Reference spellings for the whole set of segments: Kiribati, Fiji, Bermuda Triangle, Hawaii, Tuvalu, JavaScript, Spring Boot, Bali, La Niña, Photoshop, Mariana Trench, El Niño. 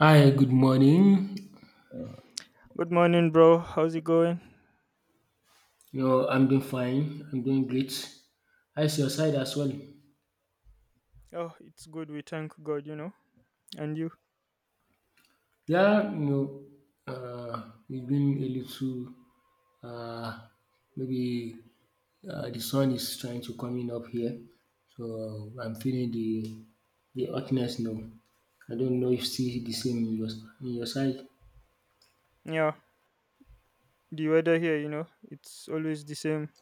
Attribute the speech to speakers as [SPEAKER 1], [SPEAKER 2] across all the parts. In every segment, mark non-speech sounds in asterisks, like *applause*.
[SPEAKER 1] Hi, good morning.
[SPEAKER 2] Good morning, bro. How's it going?
[SPEAKER 1] You know, I'm doing fine. I'm doing great. How's your side as well?
[SPEAKER 2] Oh, it's good. We thank God, you know. And you?
[SPEAKER 1] Yeah, you know, it's been a little, uh, maybe the sun is trying to coming up here, so I'm feeling the hotness now. I don't know if see the same in your side.
[SPEAKER 2] Yeah. The weather here, you know, it's always the same,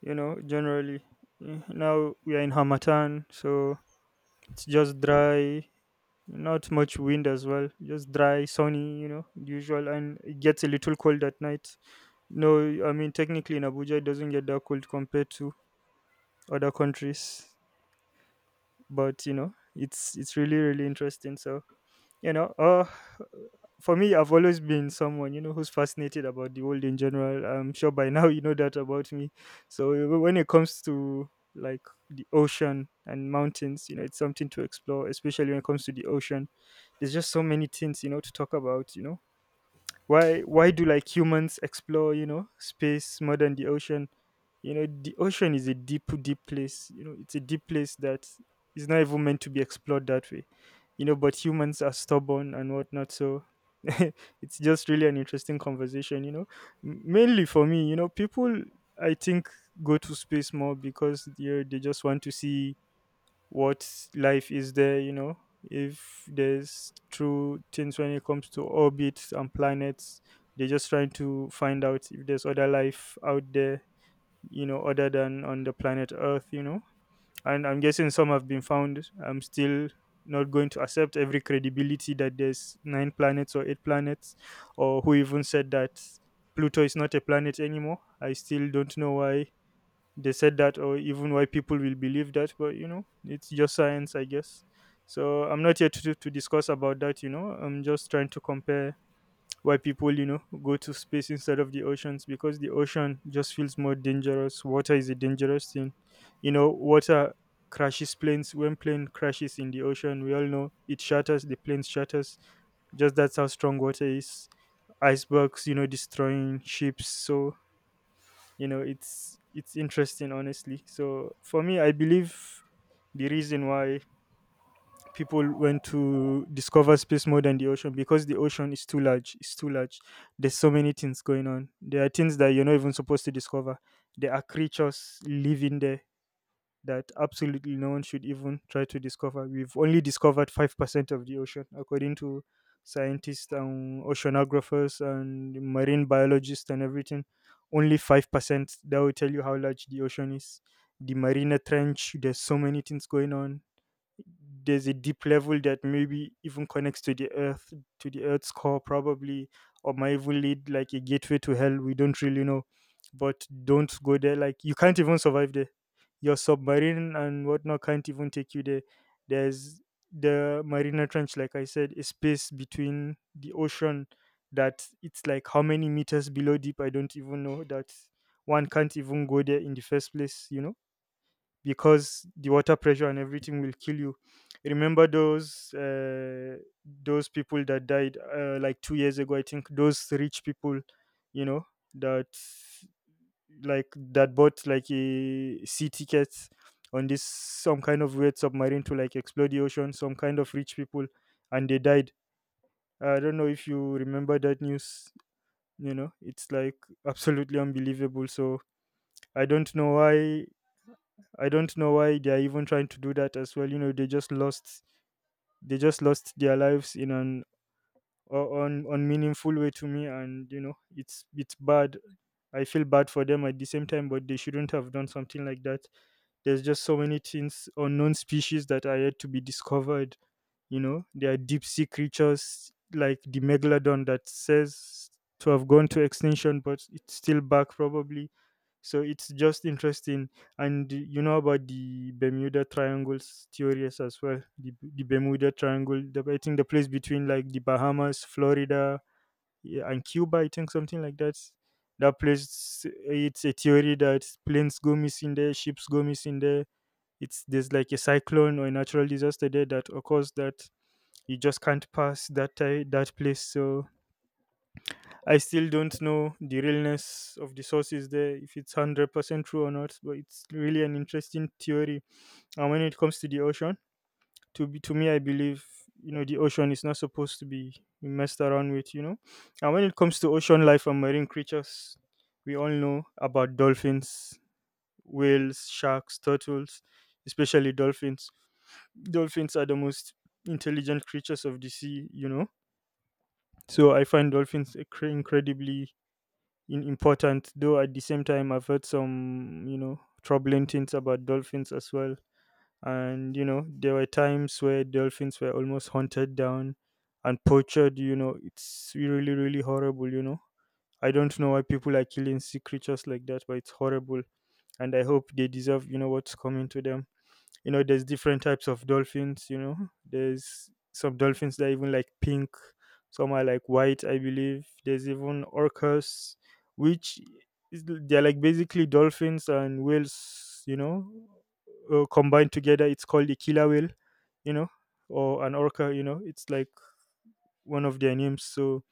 [SPEAKER 2] you know, generally. Now we are in Hamatan, so it's just dry, not much wind as well. Just dry, sunny, you know, usual. And it gets a little cold at night. No, I mean, technically in Abuja, it doesn't get that cold compared to other countries, but, you know, it's really, really interesting. So, you know, for me, I've always been someone, you know, who's fascinated about the world in general. I'm sure by *laughs* now you know that about me. So when it comes to like the ocean and mountains, you know, it's something to explore, especially when it comes to the ocean. There's just so many things, you know, to talk about, you know. Why do like humans explore, you know, space more than the ocean? You know, the ocean is a deep deep place, you know. It's a deep place that is not even meant to be explored that way, you know. But humans are stubborn and whatnot, so *laughs* it's just really an interesting conversation, you know. Mainly for me, you know, people, I think, go to space more because, you know, they just want to see what life is there, you know, if there's true things when it comes to orbits and planets. They're just trying to find out if there's other life out there, you know, other than on the planet Earth, you know. And I'm guessing some have been found. I'm still not going to accept every credibility that there's nine planets or eight planets, or who even said that Pluto is not a planet anymore. I still don't know why they said that or even why people will believe that, but you know, it's just science, I guess. So I'm not here to discuss about that, you know. I'm just trying to compare why people, you know, go to space instead of the oceans, because the ocean just feels more dangerous. Water is a dangerous thing, you know. Water crashes planes. When plane crashes in the ocean, we all know it shatters, the plane shatters. Just that's how strong water is. Icebergs, you know, destroying ships. So, you know, it's interesting, honestly. So for me, I believe the reason why people went to discover space more than the ocean, because the ocean is too large, it's too large. There's so many things going on. There are things that you're not even supposed to discover. There are creatures living there that absolutely no one should even try to discover. We've only discovered 5% of the ocean, according to scientists and oceanographers and marine biologists and everything. Only 5%. That will tell you how large the ocean is. The marina trench, there's so many things going on. There's a deep level that maybe even connects to the earth, to the earth's core probably, or might even lead like a gateway to hell, we don't really know. But don't go there, like you can't even survive there. Your submarine and whatnot can't even take you there. There's the marina trench, like I said, a space between the ocean that, it's like how many meters below deep, I don't even know that. One can't even go there in the first place, you know, because the water pressure and everything will kill you. Remember those people that died like 2 years ago? I think those rich people, you know, that like that bought like a sea tickets on this some kind of weird submarine to like explore the ocean. Some kind of rich people, and they died. I don't know if you remember that news. You know, it's like absolutely unbelievable. So I don't know why I don't know why they are even trying to do that as well. You know, they just lost their lives in an unmeaningful way to me, and you know, it's bad. I feel bad for them at the same time, but they shouldn't have done something like that. There's just so many things, unknown species that are yet to be discovered. You know, there are deep sea creatures like the megalodon that says to have gone to extinction, but it's still back probably. So it's just interesting. And you know about the Bermuda Triangles theories as well. The Bermuda Triangle, I think the place between like the Bahamas, Florida, yeah, and Cuba, I think something like that. That place, it's a theory that planes go missing there, ships go missing there. It's, there's like a cyclone or a natural disaster there that occurs, that you just can't pass that that place. So I still don't know the realness of the sources there, if it's 100% true or not, but it's really an interesting theory. And when it comes to the ocean, to me, I believe, you know, the ocean is not supposed to be messed around with, you know. And when it comes to ocean life and marine creatures, we all know about dolphins, whales, sharks, turtles. Especially dolphins, dolphins are the most intelligent creatures of the sea, you know. So I find dolphins incredibly important, though at the same time, I've heard some, you know, troubling things about dolphins as well. And, you know, there were times where dolphins were almost hunted down and poached, you know. It's really, really horrible, you know. I don't know why people are killing sea creatures like that, but it's horrible. And I hope they deserve, you know, what's coming to them. You know, there's different types of dolphins, you know. There's some dolphins that are even like pink, some are like white. I believe there's even orcas, which is, they're like basically dolphins and whales, you know, combined together. It's called a killer whale, you know, or an orca, you know. It's like one of their names. So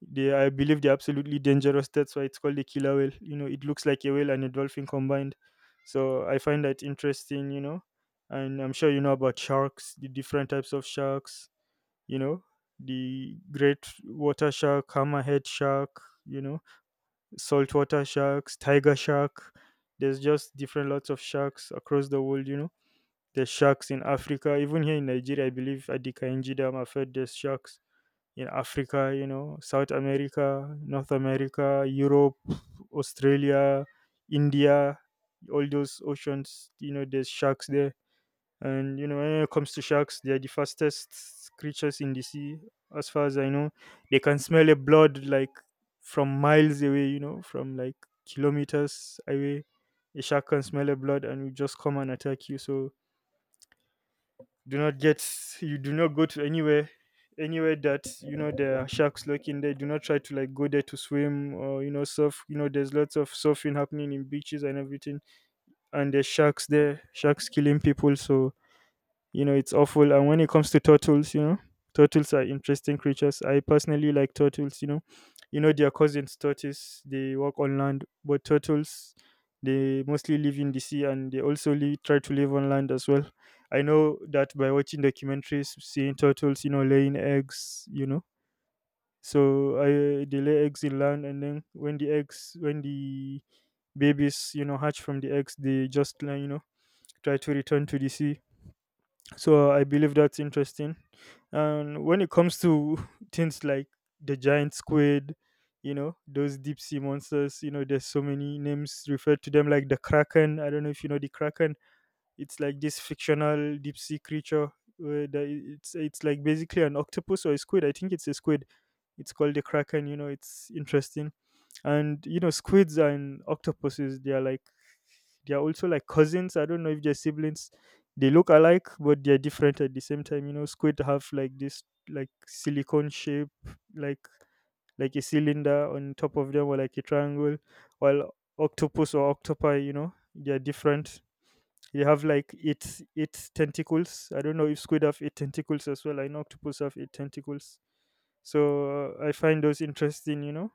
[SPEAKER 2] they, I believe, they're absolutely dangerous. That's why it's called a killer whale. You know, it looks like a whale and a dolphin combined. So I find that interesting. You know, and I'm sure you know about sharks, the different types of sharks. You know, the great water shark, hammerhead shark. You know, saltwater sharks, tiger shark. There's just different lots of sharks across the world. You know, there's sharks in Africa, even here in Nigeria. I believe at the Kainji Dam, I've heard there's sharks in Africa, you know, South America, North America, Europe, Australia, India, all those oceans, you know, there's sharks there. And, you know, when it comes to sharks, they are the fastest creatures in the sea, as far as I know. They can smell a blood like from miles away, you know, from like kilometers away. A shark can smell a blood and will just come and attack you. So, do not get, you do not go to anywhere that you know there are sharks lurking there. Do not try to like go there to swim, or you know, surf. You know, there's lots of surfing happening in beaches and everything, and there's sharks there, sharks killing people. So you know, it's awful. And when it comes to turtles, you know, turtles are interesting creatures. I personally like turtles, you know. You know, their cousins tortoise, they walk on land, but turtles, they mostly live in the sea, and they also live, try to live on land as well. I know that by watching documentaries, seeing turtles, you know, laying eggs, you know. So I, they lay eggs in land, and then when the eggs, when the babies, you know, hatch from the eggs, they just like, you know, try to return to the sea. So I believe that's interesting. And when it comes to *laughs* things like the giant squid, you know, those deep sea monsters, you know, there's so many names referred to them like the kraken. I don't know if you know the kraken. It's like this fictional deep sea creature. Where the, it's like basically an octopus or a squid. I think it's a squid. It's called the kraken. You know, it's interesting. And you know, squids and octopuses, they are like, they are also like cousins. I don't know if they're siblings. They look alike, but they're different at the same time. You know, squid have like this like silicone shape, like a cylinder on top of them or like a triangle, while octopus or octopi, you know, they're different. They have like eight tentacles. I don't know if squid have eight tentacles as well. I know octopus have eight tentacles. So I find those interesting, you know,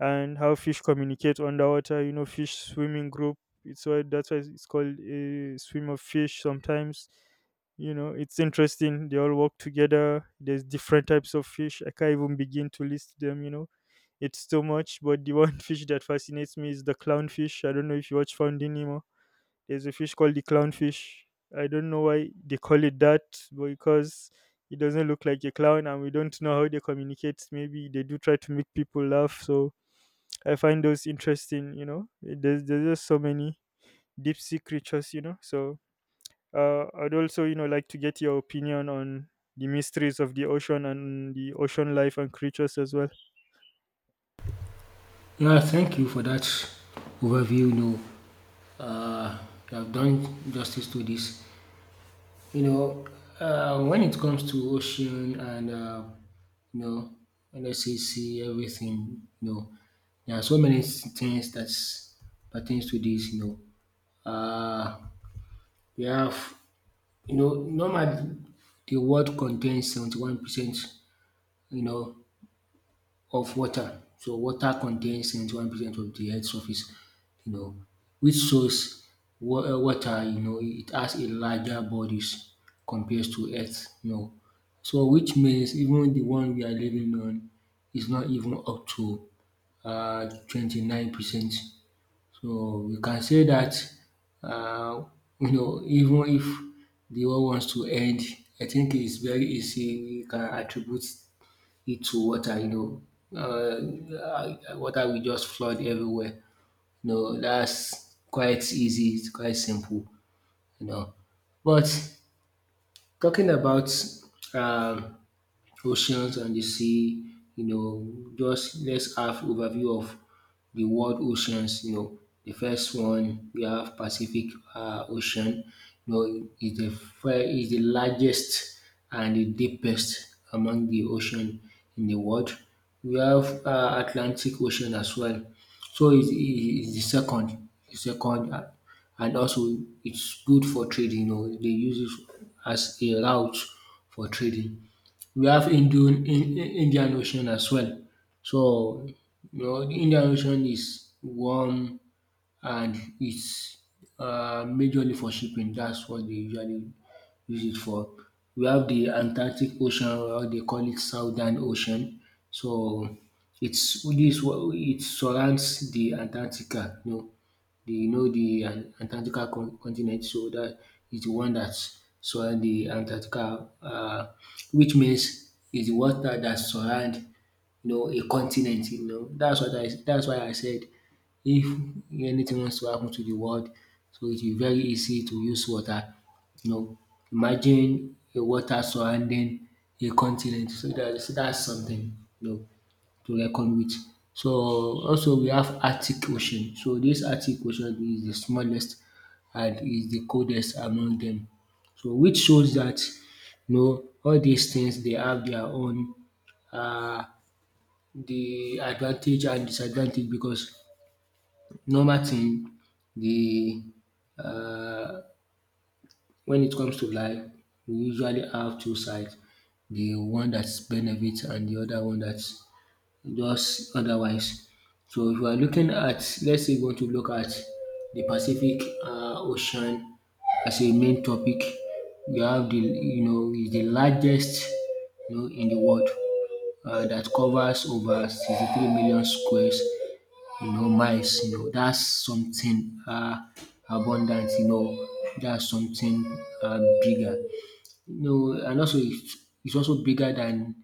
[SPEAKER 2] and how fish communicate underwater. You know, fish swimming group. It's why That's why it's called a swim of fish. Sometimes, you know, it's interesting. They all work together. There's different types of fish. I can't even begin to list them. You know, it's too much. But the one *laughs* fish that fascinates me is the clownfish. I don't know if you watch Finding Nemo. There's a fish called the clownfish. I don't know why they call it that, but because it doesn't look like a clown, and we don't know how they communicate. Maybe they do try to make people laugh, so I find those interesting. You know, there's just so many deep sea creatures. You know, so I'd also, you know, like to get your opinion on the mysteries of the ocean and the ocean life and creatures as well.
[SPEAKER 1] Yeah, thank you for that overview. You know, uh, you have done justice to this. You know, when it comes to ocean and you know, let's say sea, everything, you know, there are so many things that pertains to this. You know, we have, you know, normally the world contains 71%, you know, of water. So water contains 71% of the Earth's surface, you know, which shows water, you know, it has a larger bodies compared to earth, you know. So which means even the one we are living on is not even up to 29%. So we can say that uh, you know, even if the world wants to end, I think it's very easy. We can attribute into water, you know. Water will just flood everywhere. You know, that's quite easy, it's quite simple, you know. But talking about um oceans and the sea. You know, just let's have overview of the world oceans. You know, the first one we have Pacific Ocean. You know, is the largest and the deepest among the ocean in the world. We have Atlantic Ocean as well. So it's the second, and also it's good for trading. You know, they use it as a route for trading. We have Indian Ocean as well. So, you know, the Indian Ocean is warm and it's majorly for shipping. That's what they usually use it for. We have the Atlantic Ocean, or they call it Southern Ocean. So, it surrounds the Antarctica. You know, the Antarctica continent. So that is the one that soil the Antarctica, which means is the water that surround, you know, a continent. You know, that's why I said if anything wants to happen to the world, so it will be very easy to use water. You know, imagine a water surrounding a continent. So that's something, you know, to reckon with. So also we have Arctic Ocean. So this Arctic Ocean is the smallest and is the coldest among them. So which shows that, you know, all these things they have their own um de advantage and disadvantage because normal thing the um when it comes to life we usually have two sides, the one dat benefits and the other one dat just otherwise. So if we are looking at let's say we want to look at the Pacific Ocean as a main topic. We have the you know, is the largest, you know, in the world dat covers over 63 million squares, you know, miles, you know, that's something, abundant, you know, that's something, bigger. No, and also it's also bigger than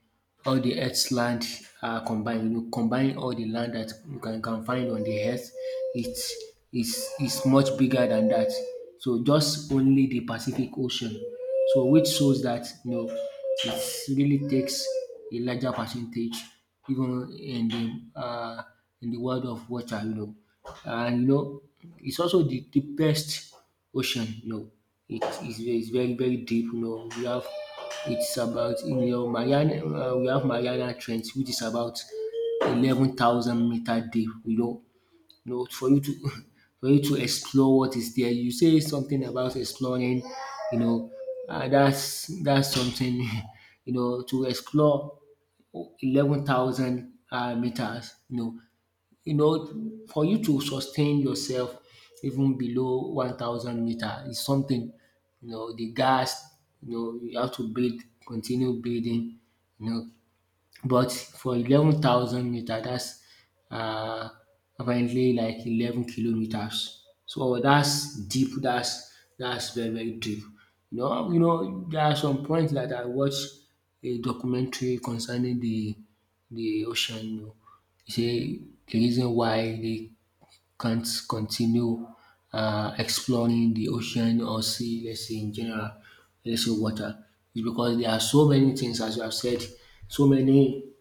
[SPEAKER 1] all the earth's land are combined. You know, combine all the land that you can find on the earth, it's, it's much bigger than that. So just only the Pacific Ocean. So which shows that you know it really takes a larger percentage even in the world of water, you know. And you know, it's also the deepest Ocean, no. It's very very deep, no. We have, it's about in your Mariana we have Mariana Trench which is about 11,000 meter deep, you know. You know, for you to *laughs* for you to explore what is there. You say something about exploring, you know, that's something *laughs* you know, to explore 11,000 meters, you know, for you to sustain yourself even below 1,000 meter is something, you know, the gas, you know, you have to breathe, continue breathing, you know, but for 11,000 meter, that's uh, apparently like 11 kilometers. So that's deep. That's very very deep. You know, there are some points that I watched a documentary concerning the ocean. You know, he say the reason why they can't continue exploring the ocean or sea, let's say in general, let's say water, is because there are so many things, as you have said, so many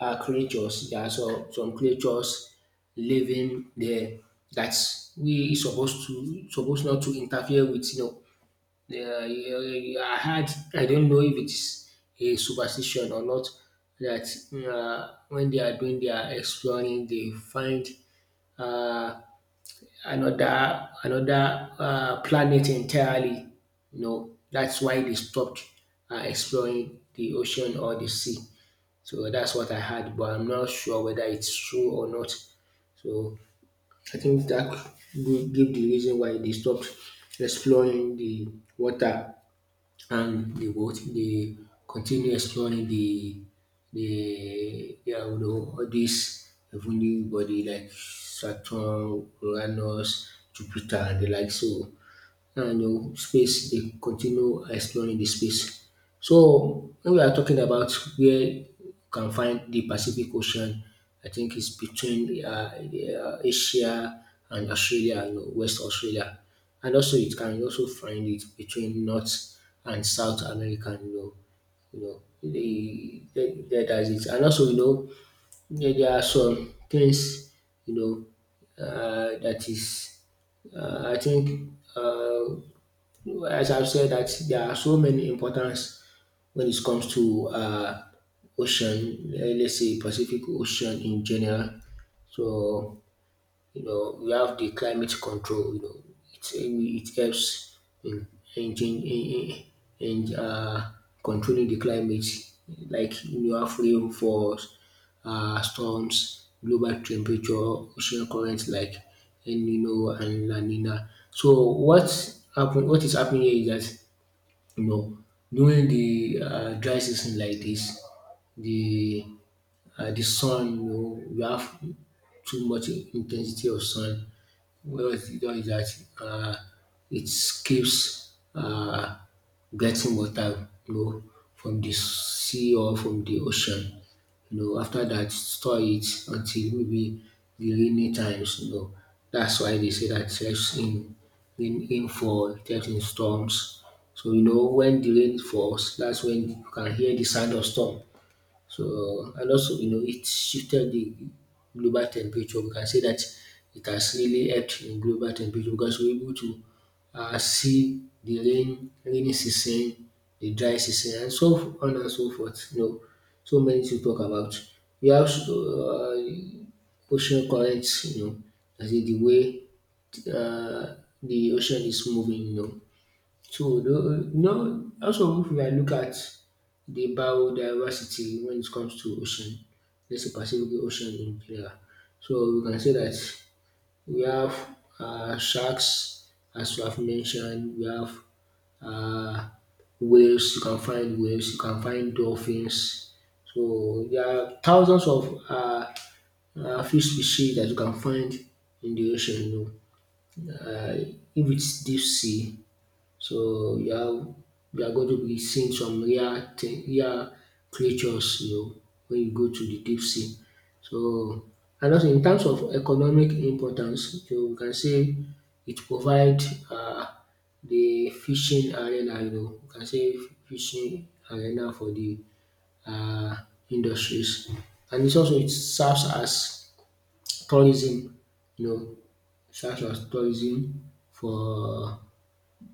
[SPEAKER 1] creatures. There are some creatures living there that we supposed not to interfere with. You know, I don't know if it's a superstition or not, that when they are doing their exploring, they find uh, another planet entirely. You know, that's why they stopped exploring the ocean or the sea. So that's what I had, but I'm not sure whether it's true or not. So I think that could give the reason why they stopped exploring the water and the what they continue exploring the yeah, you know, all this heavenly body like Saturn, Uranus, Jupiter and the like. So and space, they continue exploring the space. So when we are talking about where you can find the Pacific Ocean, I think it's between Asia and Australia and West Australia, and also it can also find it between North and South America, you know, you know that's it. And also, you know, there are some things, you know, that is, I think, um as I've said, that there are so many importance when it comes to ocean. Let's say Pacific Ocean in general. So, you know, we have the climate control, you know, it helps in, chan- in, controlling the climate. Like you have rain for storms, global temperature, ocean currents like El Nino and La Nina. So what is happening here is that, you know, during the dry season like this, the the sun, you know, we have too much intensity of sun. Well, it does is that, it keeps getting water, you know, from the sea or from the ocean. You know, after that, store it until maybe the rainy times. You know, that's why they say that it helps in in in storms. So you know, when the rain falls, that's when you can hear the sound of storm. So, and also you know, it shifted the global temperature. We can say that it has really helped in global temperature because we're able to see the rain, rainy season, the dry season, and so on and so forth. You know, so many to talk about. We have ocean currents. You know, as in the way uh, the ocean is moving. You know, so, no, also if I look at the biodiversity when it comes to ocean, let's say Pacific Ocean in general. So we can say that we have sharks, as you have mentioned, we have uh, whales, you can find whales, you can find dolphins. So there are thousands of fish species that you can find in the ocean, you know. If it's deep sea, so you are going to be seeing some rare creatures, you know, when you go to the deep sea. So and also in terms of economic importance, you can say it provide um the fishing arena, you know, you can say fishing arena for the um industries. And it also it serves as tourism, you know, serves as tourism for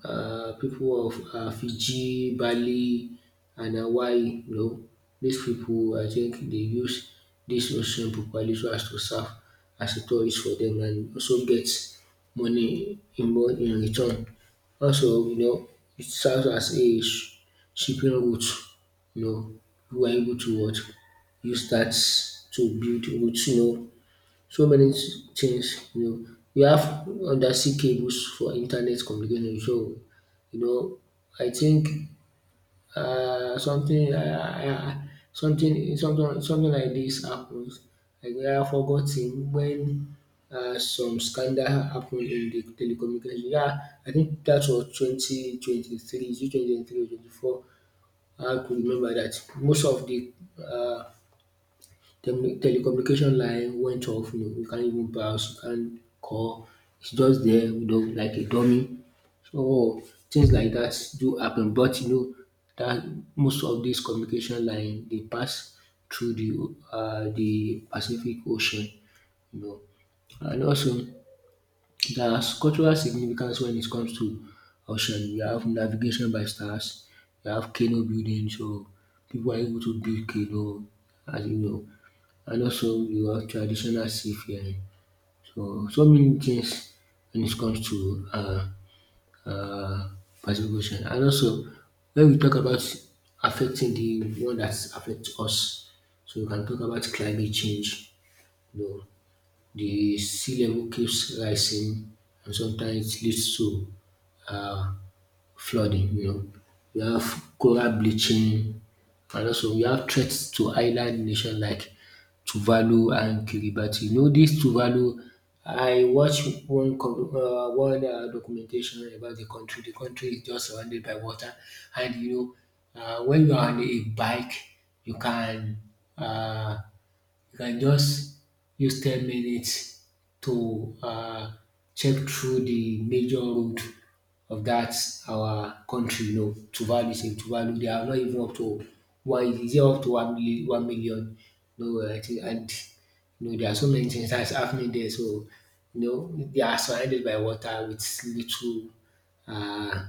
[SPEAKER 1] people of Fiji, Bali and Hawaii, you know. These people, I think, they use this ocean properly so as to serve as a tourist for them and also get money in return. Also, you know, it serves as a shipping route, you know, who are able to what use that to build routes, you know, so many things, you know. We have undersea cables for internet communication, so you know, I think something like this happens, like we have forgotten when some scandal happened in the telecommunication. Yeah, I think that was 2023. Is it 2023 or 24? I could remember that. Most of the um telecommunication line went off, you know, you can't even browse, you can't call, it's just there, you know, like a dummy. So things like that do happen, but you know that most of this communication line they pass through the Pacific Ocean, you know. And also, there's cultural significance when it comes to ocean. You have navigation by stars, you have canoe building, so people are able to build canoe, as you know, and also your traditional seafaring. So so many things when it comes to uh, Pacific Ocean. And also, when we talk about affecting the one that affects us, so we can talk about climate change. You know, the sea level keeps rising, and sometimes it leads to uh, flooding, you know, we have coral bleaching, and also we have threats to island nation like Tuvalu and Kiribati. You know this Tuvalu, I watch one documentation about the country. The country is just surrounded by water and you know when you are on a bike you can uh. You can just use 10 minutes to check through the major road of that our country. You know, Tuvalu is in Tuvalu. They are not even up to one, is it up to 1 million? 1 million? No, I think. And you know there are so many things that's happening there. So you know they are surrounded by water with little uh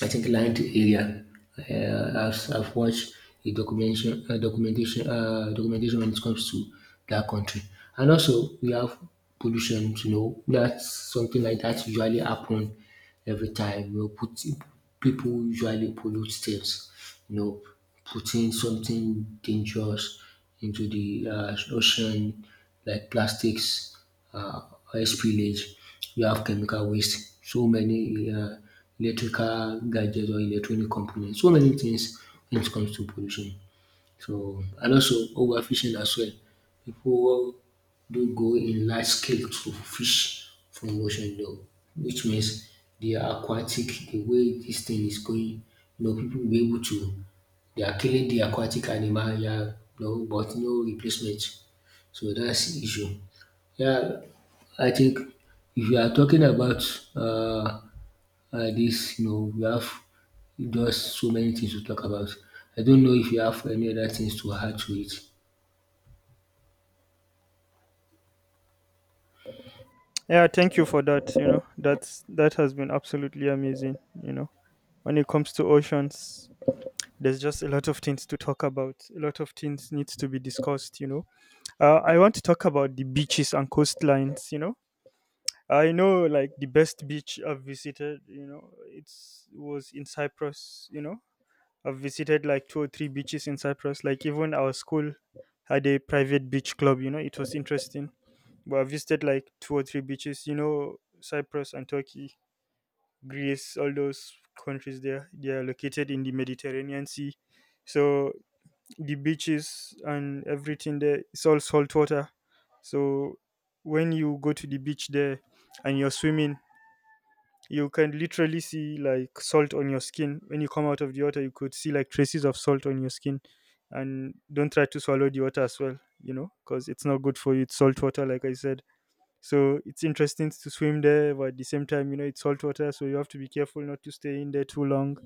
[SPEAKER 1] I think land area. I've watched documentation when it comes to that country. And also we have pollution. You know, that's something like that usually happen every time. You know, people usually pollute things. You know, putting something dangerous into the ocean, like plastics, uh, oil spillage. You have chemical waste. So many. Electrical gadgets or electronic components. So many things when it comes to pollution. So and also overfishing as well. People do go in large scale to fish from ocean though, which means the way this thing is going, you know, people will be able to they are killing the aquatic animal, yeah, no, but no replacement. So that's de issue. Yeah, I think if you are talking about this, you know, we have just so many things to talk about. I don't know if you have any other things to add to it.
[SPEAKER 2] Yeah, thank you for that. You know, that has been absolutely amazing. You know, when it comes to oceans, there's just a lot of things to talk about. A lot of things needs to be discussed. You know. I want to talk about the beaches and coastlines. You know, I know like the best beach I've visited. You know, it's was in Cyprus. You know, I've visited like two or three beaches in Cyprus. Like even our school had a private beach club. You know, it was interesting. But I visited like two or three beaches. You know, Cyprus and Turkey, Greece, all those countries there. They are located in the Mediterranean Sea, so the beaches and everything there, it's all salt water. So when you go to the beach there and you're swimming, you can literally see like salt on your skin. When you come out of the water, you could see like traces of salt on your skin, and don't try to swallow the water as well, you know, because it's not good for you. It's salt water, like I said. So it's interesting to swim there, but at the same time, you know, it's salt water, so you have to be careful not to stay in there too long.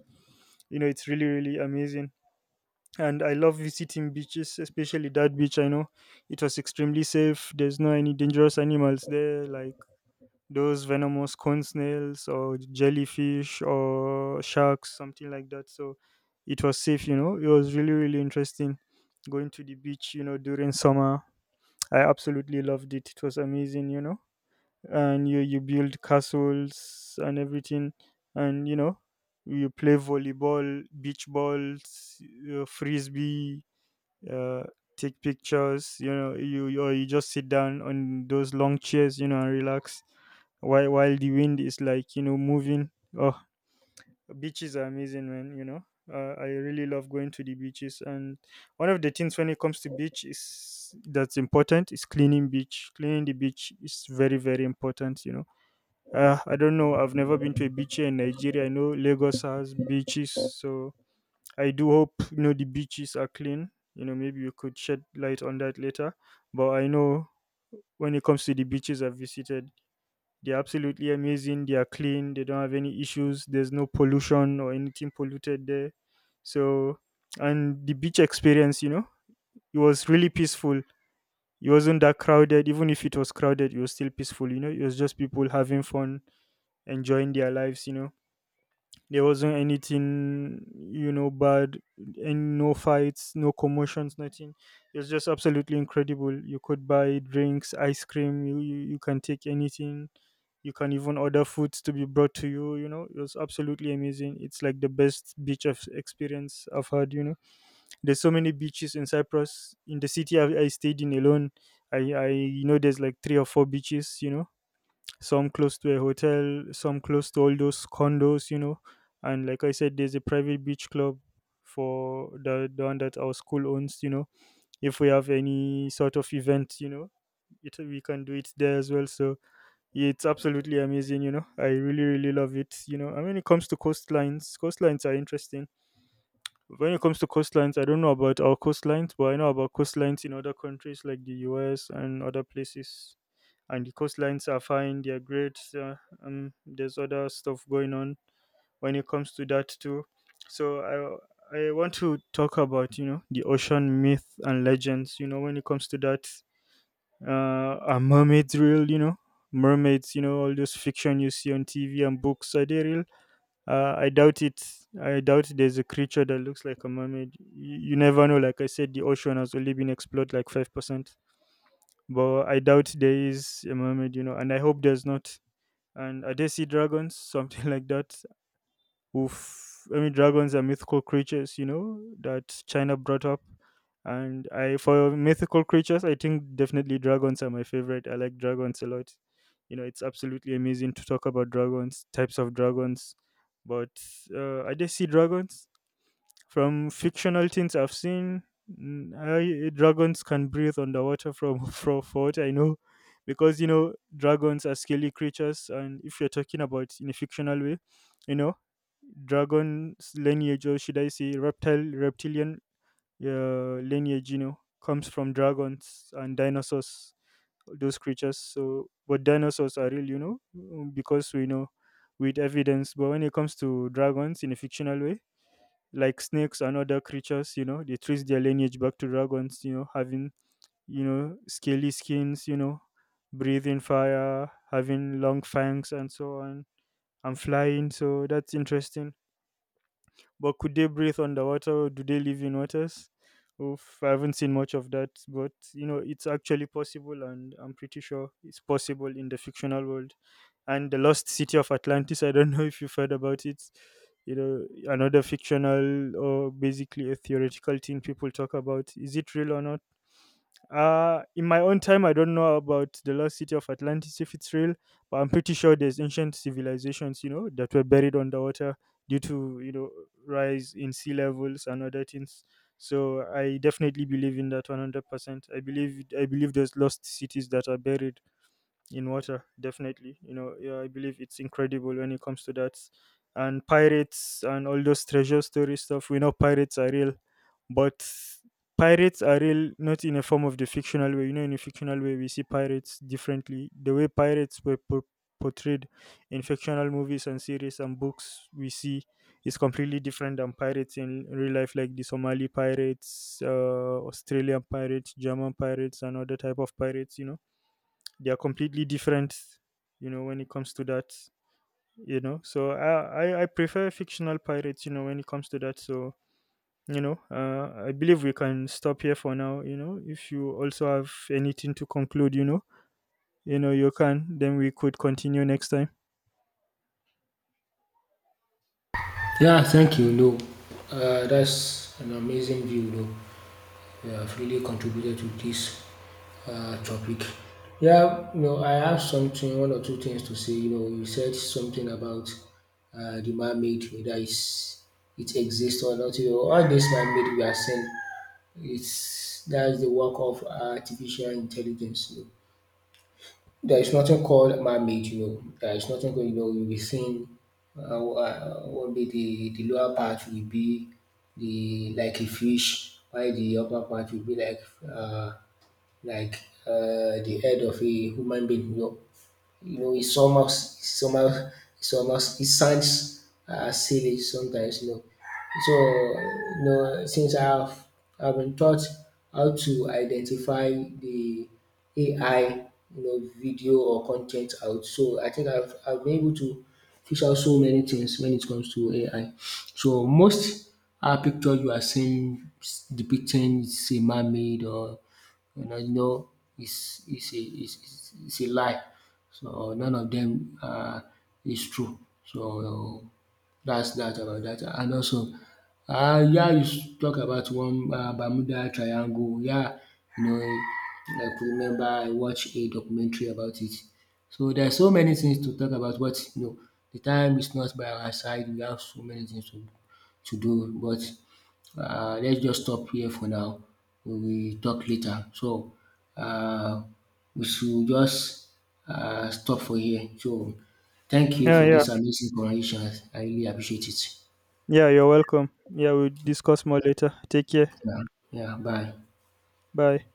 [SPEAKER 2] You know, it's really really amazing, and I love visiting beaches, especially that beach. I know it was extremely safe. There's no any dangerous animals there, like those venomous cone snails or jellyfish or sharks, something like that. So it was safe. You know, it was really really interesting going to the beach. You know, during summer, I absolutely loved it. It was amazing. You know, and you build castles and everything, and you know. You play volleyball, beach balls, frisbee, uh, take pictures. You know, or you just sit down on those long chairs, you know, and relax while the wind is like, you know, moving. Oh, beaches are amazing, man. You know, I really love going to the beaches. And one of the things when it comes to beach is that's important is cleaning beach. Cleaning the beach is very very important. You know, I don't know. I've never been to a beach here in Nigeria. I know Lagos has beaches, so I do hope, you know, the beaches are clean. You know, maybe you could shed light on that later. But I know when it comes to the beaches I've visited, they're absolutely amazing. They are clean. They don't have any issues. There's no pollution or anything polluted there. So, and the beach experience, you know, it was really peaceful. It wasn't that crowded. Even if it was crowded, it was still peaceful. You know, it was just people having fun, enjoying their lives. You know there wasn't anything, you know, bad, and no fights, no commotions, nothing. It's just absolutely incredible. You could buy drinks, ice cream. You can take anything. You can even order foods to be brought to you. You know, it was absolutely amazing. It's like the best beach of experience I've had. You know, there's so many beaches in Cyprus. In the city I stayed in alone, I you know there's like three or four beaches. You know, some close to a hotel, some close to all those condos, you know. And like I said, there's a private beach club for the one that our school owns, you know. If we have any sort of event, you know, it, we can do it there as well. So it's absolutely amazing, you know. I really, really love it, you know. And when it comes to coastlines, coastlines are interesting. When it comes to coastlines, I don't know about our coastlines, but I know about coastlines in other countries like the US and other places, and the coastlines are fine. They're great. There's other stuff going on when it comes to that too. So I want to talk about, you know, the ocean myth and legends. You know, when it comes to that, are mermaids real? You know, mermaids. You know all those fiction you see on TV and books, are they real? I doubt it. I doubt there's a creature that looks like a mermaid. You never know. Like I said, the ocean has only been explored like 5%, but I doubt there is a mermaid, you know, and I hope there's not. And are they sea dragons *laughs* something like that? Oof, I mean, dragons are mythical creatures, you know, that China brought up. And I, for mythical creatures, I think definitely dragons are my favorite. I like dragons a lot. You know, it's absolutely amazing to talk about dragons, types of dragons. But are they sea dragons from fictional things I've seen? mm, I, dragons can breathe underwater from, *laughs* from for what I know, because you know dragons are scaly creatures, and if you're talking about in a fictional way, you know, dragon's lineage, or should I say reptile reptilian lineage, you know, comes from dragons and dinosaurs, those creatures. So, but dinosaurs are real, you know, because we know with evidence. But when it comes to dragons in a fictional way, like snakes and other creatures, you know, they trace their lineage back to dragons, you know, having, you know, scaly skins, you know, breathing fire, having long fangs and so on, and flying. So that's interesting. But could they breathe underwater? Do they live in waters? Oof, I haven't seen much of that, but you know, it's actually possible, and I'm pretty sure it's possible in the fictional world. And the lost city of Atlantis, I don't *laughs* know if you've heard about it. You know, another fictional or basically a theoretical thing people talk about. Is it real or not? In my own time, I don't know about the lost city of Atlantis if it's real, but I'm pretty sure there's ancient civilizations, you know, that were buried underwater due to, you know, rise in sea levels and other things. So I definitely believe in that 100%. I believe there's lost cities that are buried in water definitely, you know. Yeah, I believe it's incredible when it comes to that. And pirates and all those treasure story stuff, we know pirates are real. But pirates are real not in a form of the fictional way. You know, in a fictional way we see pirates differently. The way pirates were portrayed in fictional movies and series and books we see is completely different than pirates in real life, like the Somali pirates, Australian pirates, German pirates and other type of pirates, you know. They are completely different, you know, when it comes to that. You know, so I prefer fictional pirates, you know, when it comes to that. So you know, I believe we can stop here for now. You know, if you also have anything to conclude, you know, you know, you can. Then we could continue next time.
[SPEAKER 1] Yeah, thank you. No, that's an amazing view. No, you have really contributed to this topic. Yeah, you know, I have something, one or two things to say. You know, you said something about the man-made, whether it's, it exists or not. You know, all this man-made we are saying, it's that's the work of artificial intelligence. You know. There is nothing called man-made, you know. There is nothing called, you know, you'll be seeing what be the lower part will be the like a fish, while the upper part will be like uh, like the head of a human being. You know, it somehow, it sounds silly sometimes. You know, so you know, since I've been taught how to identify the AI, you know, video or content out. So I think I've been able to fish out so many things when it comes to AI. So most our picture you are seeing s- depicting is a man-made, or you know, you know, it's is a it's is a lie. So none of them is true. So that's that about that. And also, yeah, you s- talk about one Bermuda Triangle. Yeah, you know, I could remember I watched a documentary about it. So there are so many things to talk about, but you know, the time is not by our side. We have so many things to do, but let's just stop here for now. We will talk later. So uh, we should just stop for here. So thank you
[SPEAKER 2] Yeah,
[SPEAKER 1] for
[SPEAKER 2] yeah,
[SPEAKER 1] this amazing conversation. I really appreciate it.
[SPEAKER 2] yeah, you're welcome. Yeah, we'll discuss more later. Take care.
[SPEAKER 1] Yeah, yeah, bye.
[SPEAKER 2] Bye.